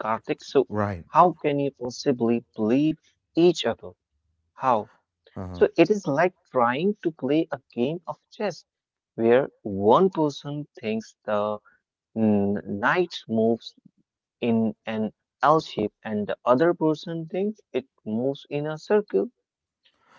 Karthik, so
Right.
how can you possibly believe each other? How?
Uh
So
huh.
it is like trying to play a game of chess where one person thinks the mm, knight moves in an L shape and the other person thinks it moves in a circle.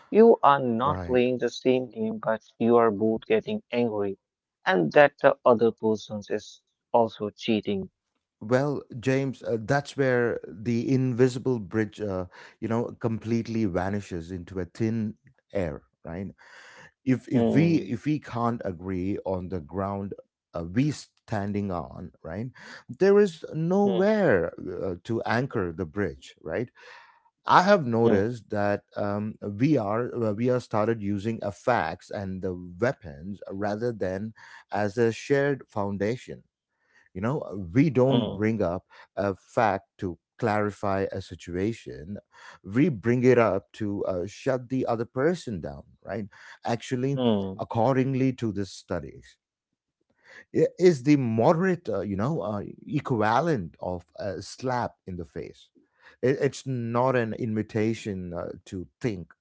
You are not
Right.
playing the same game, but you are both getting angry, and that the other person is also cheating.
Well, James, uh, that's where the invisible bridge, uh, you know, completely vanishes into a thin air. Right. If if we
Hmm.
if we can't agree on the ground uh, we standing on, right, there is
Hmm.
nowhere uh, to anchor the bridge. Right. I have
Hmm.
noticed that um, we are we are started using a fax and the weapons rather than as a shared foundation. You know, uh, we don't
Hmm.
bring up a fact to clarify a situation. We bring it up to uh, shut the other person down, right? Actually,
Hmm.
accordingly to this study i- is the moderate, uh, you know, uh, equivalent of a slap in the face. It, it's not an invitation uh, to think.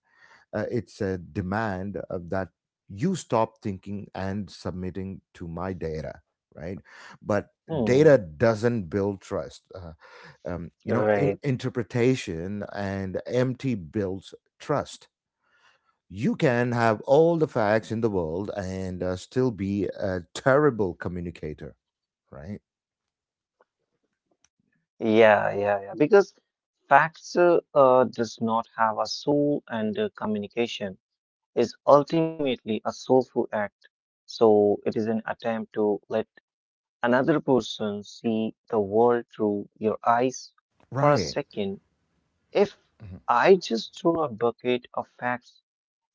Uh, it's a demand uh, that you stop thinking and submitting to my data, right? But data
Hmm.
doesn't build trust. Uh, um, you know, I-
Right.
interpretation and empty builds trust. You can have all the facts in the world and uh, still be a terrible communicator, right?
Yeah. Yeah. Yeah. Because Baxter uh, uh, does not have a soul, and uh, communication is ultimately a soulful act. So it is an attempt to let another person see the world through your eyes for a
Right.
second. If I just throw a bucket of facts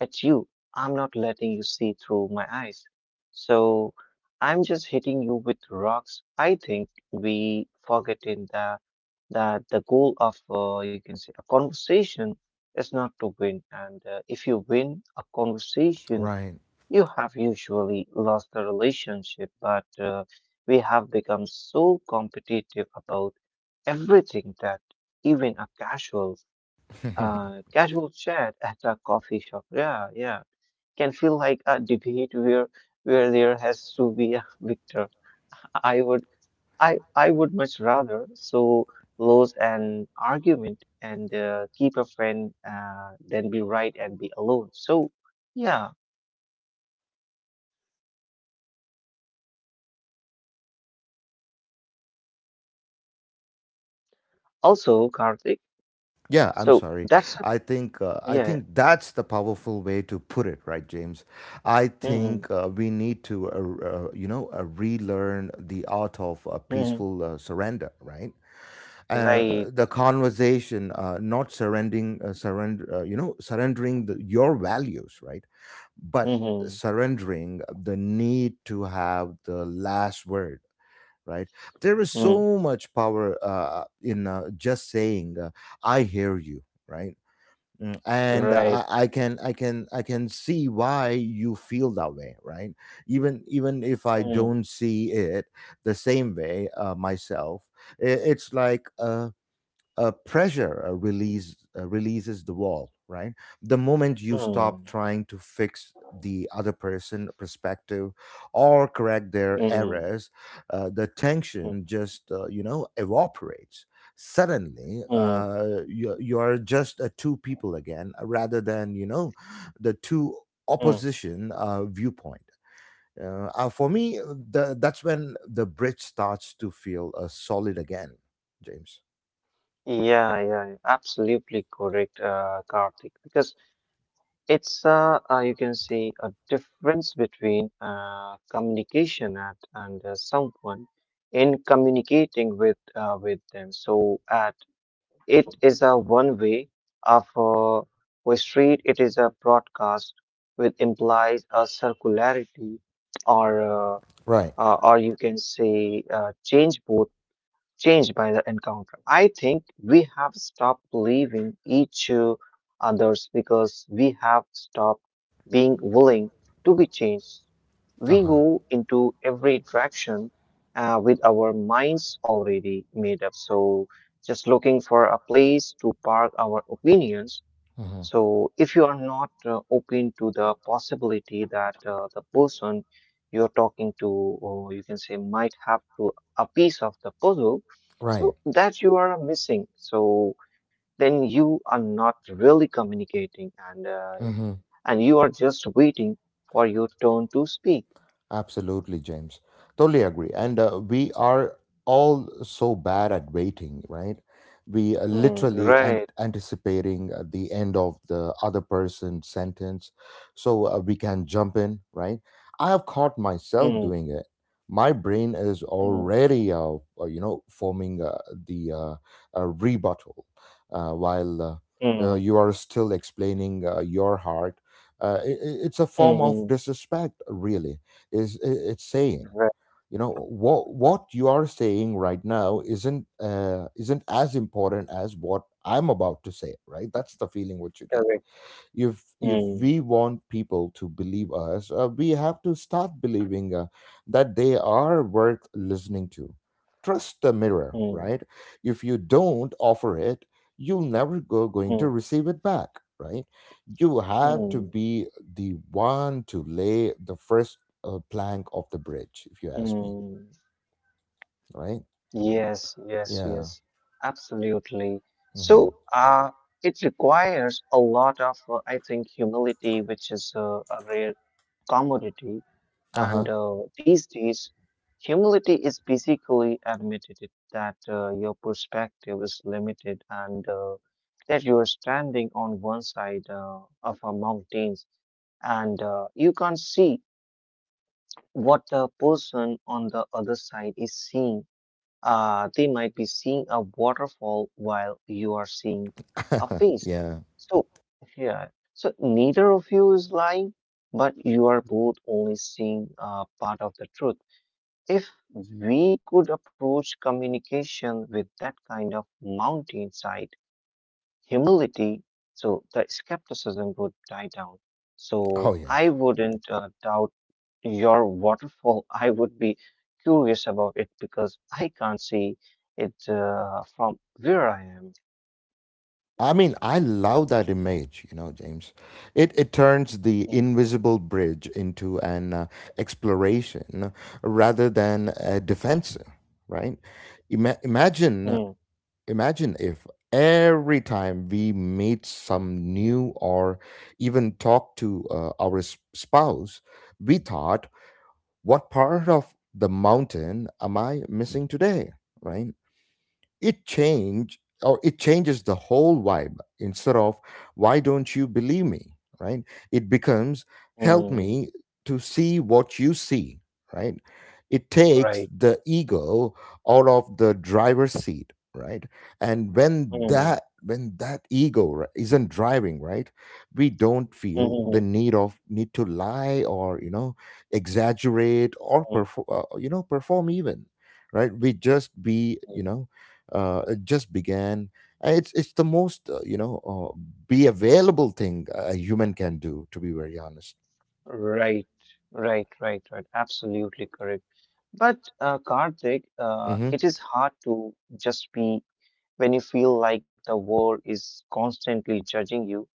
at you. I'm not letting you see through my eyes. So I'm just hitting you with rocks. I think we forget in the that the goal of uh, you can say a conversation is not to win, and uh, if you win a conversation,
Right.
you have usually lost the relationship. But uh, we have become so competitive about everything that even a casual uh, casual chat at a coffee shop. Yeah, yeah can feel like a debate where where there has to be a victor. I would I I would much rather so lose an argument and uh, keep a friend uh, than be right and be alone. So yeah. Also, Karthik.
Yeah, I'm
So
sorry.
that's a
I think uh, I
yeah.
think that's the powerful way to put it, right, James? I
Hmm.
think uh, we need to uh, uh, you know uh, relearn the art of uh,
Hmm.
peaceful uh, surrender, right? uh, uh,
Right.
the conversation, uh, not surrendering, uh, surrender, uh, you know, surrendering the, your values, right? But
Hmm.
surrendering the need to have the last word, right? There is
Mm.
so much power uh, in uh, just saying, uh, I hear you, right? Mm, and uh,
Right.
I, I can i can i can see why you feel that way, right? Even even if I
Mm.
don't see it the same way uh, myself. I- it's like uh uh, pressure uh, release uh, releases the wall, right? The moment you stop
Mm.
trying to fix the other person perspective or correct their
Mm.
errors, uh, the
Mm.
tension just uh, you know evaporates. Suddenly
Mm.
uh, you, you're just uh, two people again uh, rather than, you know, the two
Mm.
opposition uh, viewpoint. Uh, uh, for me uh, the, that's when the bridge starts to feel uh, solid again, James.
Yeah, yeah, absolutely correct, uh, Karthik. Because it's uh, uh, you can see a difference between uh, communication at and uh, someone in communicating with uh, with them. So at it is a one way of uh, we street it is a broadcast which implies a circularity or uh,
Right.
uh, or you can say uh, change both changed by the encounter. I think we have stopped believing each uh, others because we have stopped being willing to be changed.
Uh
We
huh.
go into every interaction uh, with our minds already made up. So just looking for a place to park our opinions
Hmm.
so if you are not uh, open to the possibility that uh, the person you're talking to, or you can say might have to a piece of the puzzle,
Right.
so that you are missing. So then you are not really communicating, and uh,
Hmm.
and you are just waiting for your turn to speak.
Absolutely, James. Totally agree. And uh, we are all so bad at waiting, right? We are
Mm,
literally an-
right.
anticipating uh, the end of the other person's sentence so uh, we can jump in, right? I have caught myself
Mm,
doing it. My brain is
mm,
already, uh, uh, you know, forming uh, the uh, uh, rebuttal uh, while uh, uh,
mm,
you are still explaining uh, your heart. Uh, i i- it's a
mm,
form of
mm,
disrespect, really, is i- it's saying,
right.
you know, what what you are saying right now isn't uh, isn't as important as what I'm about to say, right? That's the feeling what you get.
Correct.
if if
Mm,
we want people to believe us, uh, we have to start believing uh, that they are worth listening to. Trust the mirror,
mm,
right? If you don't offer it, you'll never go going
mm,
to receive it back, right? You have to
mm,
be the one to lay the first uh, plank of the bridge, if you ask me.
mm.
Right.
Yes, yes,
Yeah.
yes, absolutely.
Hmm.
So, uh, it requires a lot of, uh, I think, humility, which is uh, a rare commodity. And
Uh-huh.
uh, these days, humility is basically admitted it- that uh, your perspective is limited and uh, that you are standing on one side uh, of a mountains and uh, you can't see what the person on the other side is seeing uh, they might be seeing a waterfall while you are seeing a
<laughs>
face.
yeah.
So, yeah, so neither of you is lying, but you are both only seeing uh, part of the truth. If we could approach communication with that kind of mountainside humility, so the skepticism would die down.
Oh
So
yes.
I wouldn't uh, doubt your waterfall, I would be curious about it because I can't see it uh, from where I am.
I mean, I love that image, you know, James. It it turns the
Mm,
invisible bridge into an uh, exploration rather than a defense, right? Ima- imagine,
mm,
imagine if every time we meet some new or even talk to uh, our s- spouse, we thought, what part of the mountain am I missing today, right? it change or it changes the whole vibe, instead of why don't you believe me, right? It becomes, help
mm,
me to see what you see, right? It takes
right.
the ego out of the driver's seat, right? And when
Mm,
that when that ego ri- isn't driving, right, we don't feel the
mm,
need of need to lie or, you know, exaggerate or
mm,
perform, uh, you know, perform even, right? We just be, you
mm.
know, uh, it just began. Uh, It's it's the most uh, you know uh, be available thing a human can do. To be very honest.
Right, right, right, right. Absolutely correct. But uh, Karthik, uh,
Mm-hmm.
it is hard to just be when you feel like the world is constantly judging you.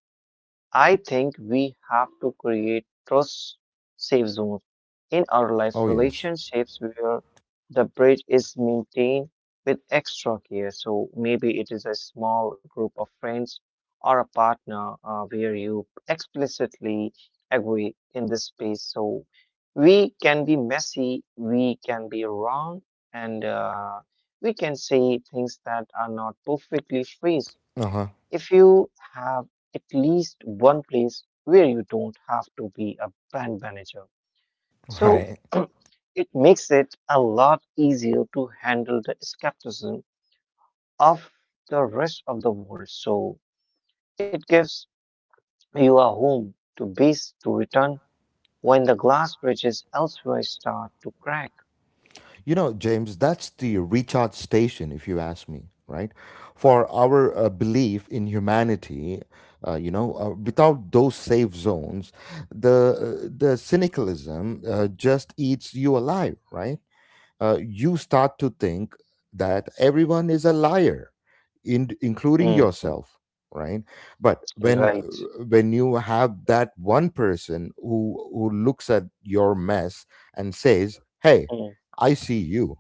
I think we have to create trust safe zones in our life
Oh yes.
relationships where the bridge is maintained with extra care. So maybe it is a small group of friends or a partner uh, where you explicitly agree in this space. So we can be messy, we can be wrong, and uh, we can say things that are not perfectly phrased
Uh huh.
if you have at least one place where you don't have to be a brand manager,
<laughs>
so
Right.
<clears throat> it makes it a lot easier to handle the skepticism of the rest of the world. So it gives you a home to base to return when the glass bridges elsewhere start to crack.
You know, James, that's the recharge station, if you ask me. Right. For our uh, belief in humanity, uh, you know, uh, without those safe zones, the uh, the cynicalism uh, just eats you alive. Right. Uh, you start to think that everyone is a liar, in, including
Mm,
yourself, right? But when
right.
when you have that one person who who looks at your mess and says, hey,
Mm,
I see you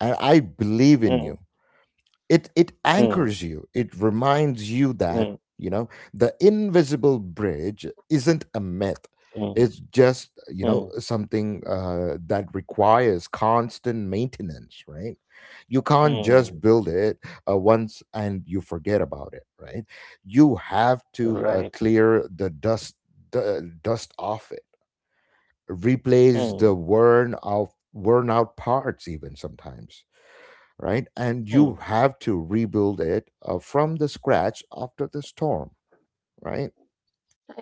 and I believe in
mm,
you, it it
mm,
anchors you. It reminds you that,
mm,
you know, the invisible bridge isn't a myth.
mm,
It's just, you
mm,
know,
mm,
something uh, that requires constant maintenance, right? You can't just
mm,
build it uh, once and you forget about it, right? You have to uh,
right.
clear the dust, the dust off it, replace the
Mm,
worn out worn out parts even sometimes, right? And you
mm.
have to rebuild it uh, from the scratch after the storm, right?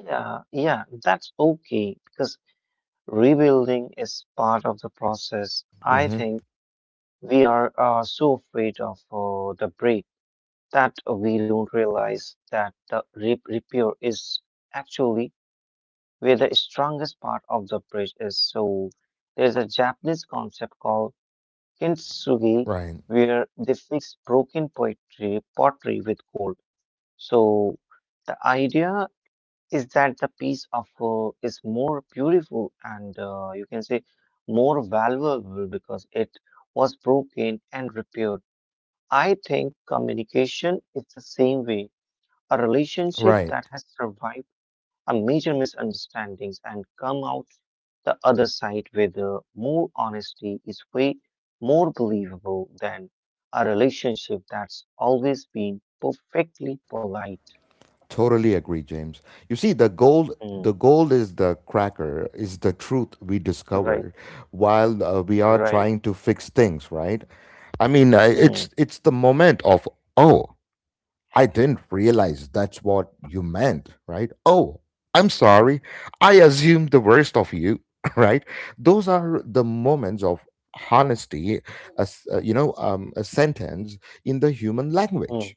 Yeah, yeah, that's okay because rebuilding is part of the process. I
Hmm.
think we are uh, so afraid of uh, the break that we don't realize that the re repair is actually where the strongest part of the bridge is. So there's a Japanese concept called kintsugi
Right.
where they fix broken poetry, pottery with gold. So the idea is that the piece of uh, is more beautiful and uh, you can say more valuable because it was broken and repaired. I think communication is the same way. A relationship
Right.
that has survived a major misunderstandings and come out the other side with uh, more honesty is way more believable than a relationship that's always been perfectly polite.
Totally agree, James. You see, the gold,
Mm,
the gold is the cracker, is the truth we
right,
discover while uh, we are
right.
trying to fix things, right? I mean, uh,
Mm,
it's it's the moment of, oh, I didn't realize that's what you meant, right? Oh, I'm
mm.
sorry. I assumed the worst of you, <laughs> right? Those are the moments of honesty, as uh, you know, um, a sentence in the human language.
Mm,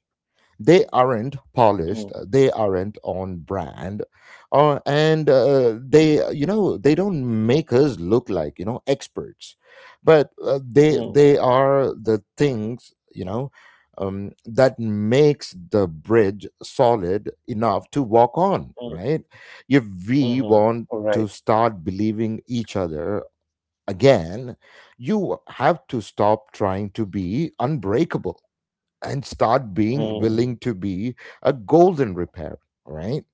They aren't
mm,
polished, uh, they aren't on brand, uh, and uh, they uh, you know, they don't make us look like, you know, experts, but uh, they
mm,
they are the things, you know, um, that makes the bridge solid enough to walk on,
mm,
right? If we
mhm.
want
Right.
to start believing each other again, you have to stop trying to be unbreakable and start being
Mm,
willing to be a golden repair, right?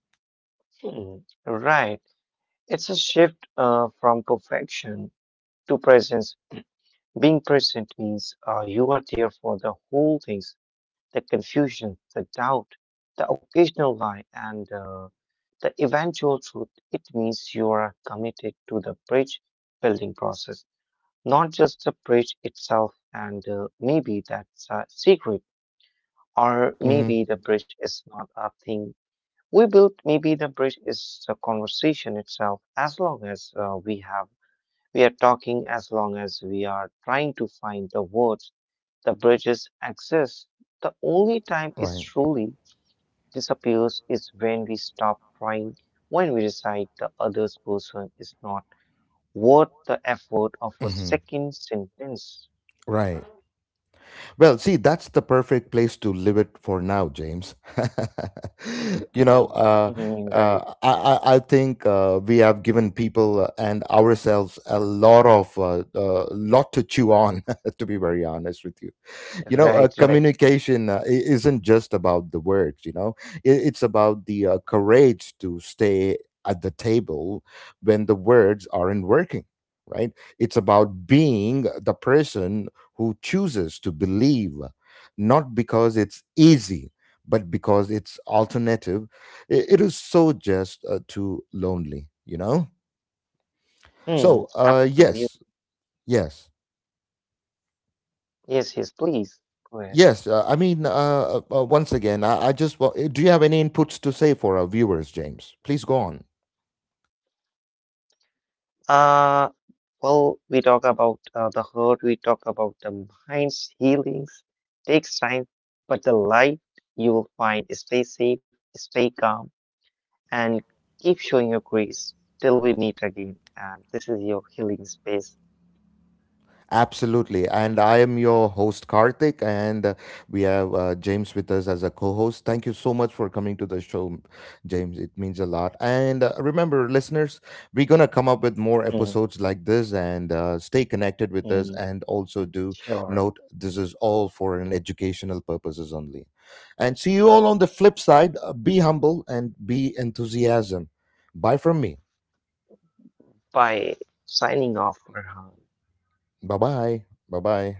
mm. Right. It's a shift uh, from perfection to presence. Being present means uh, you are there for the whole things, the confusion, the doubt, the occasional lie, and uh, the eventual truth. It means you are committed to the bridge building process, not just the bridge itself. And uh, maybe that's a secret, or
Hmm.
maybe the bridge is not a thing we built maybe the bridge is the conversation itself as long as uh, we have we are talking as long as we are trying to find the words the bridges exist the only time it
Right.
truly disappears is when we stop trying when we decide the other person is not worth the effort of a
Hmm.
second sentence.
Right. Well, see, that's the perfect place to live it for now, James. <laughs> you
Hmm.
know, uh,
Mhm, right,
uh, I, I I think uh, we have given people uh, and ourselves a lot of uh, uh, lot to chew on, <laughs> to be very honest with you. You know, uh,
right, right.
communication, uh, i- isn't just about the words, you know. I- it's about the uh, courage to stay at the table when the words aren't working, right? It's about being the person who chooses to believe, not because it's easy but because it's alternative. I- it is so just uh, too lonely, you know.
Hmm.
So, uh,
Absolutely.
yes. Yes.
Yes, yes, please go
Yes, uh, I mean, uh, uh, uh, once again, I, I just wa- do you have any inputs to say for our viewers, James? Please go on.
ahead. Well, we talk about uh, the hurt, we talk about the mind's healings, takes time, but the light you will find. Stay safe, stay calm, and keep showing your grace till we meet again. And this is your healing space.
Absolutely. And I am your host, Karthik, and uh, we have uh, James with us as a co host. Thank you so much for coming to the show, James. It means a lot. And uh, remember, listeners, we're going to come up with more
Mhm,
episodes like this and uh, stay connected with us.
mhm.
And also, do
Sure.
note this is all for an educational purposes only. And see you all on the flip side. Uh, Be humble and be enthusiasm. Bye from me.
By signing off, Farhan.
Bye bye. Bye bye.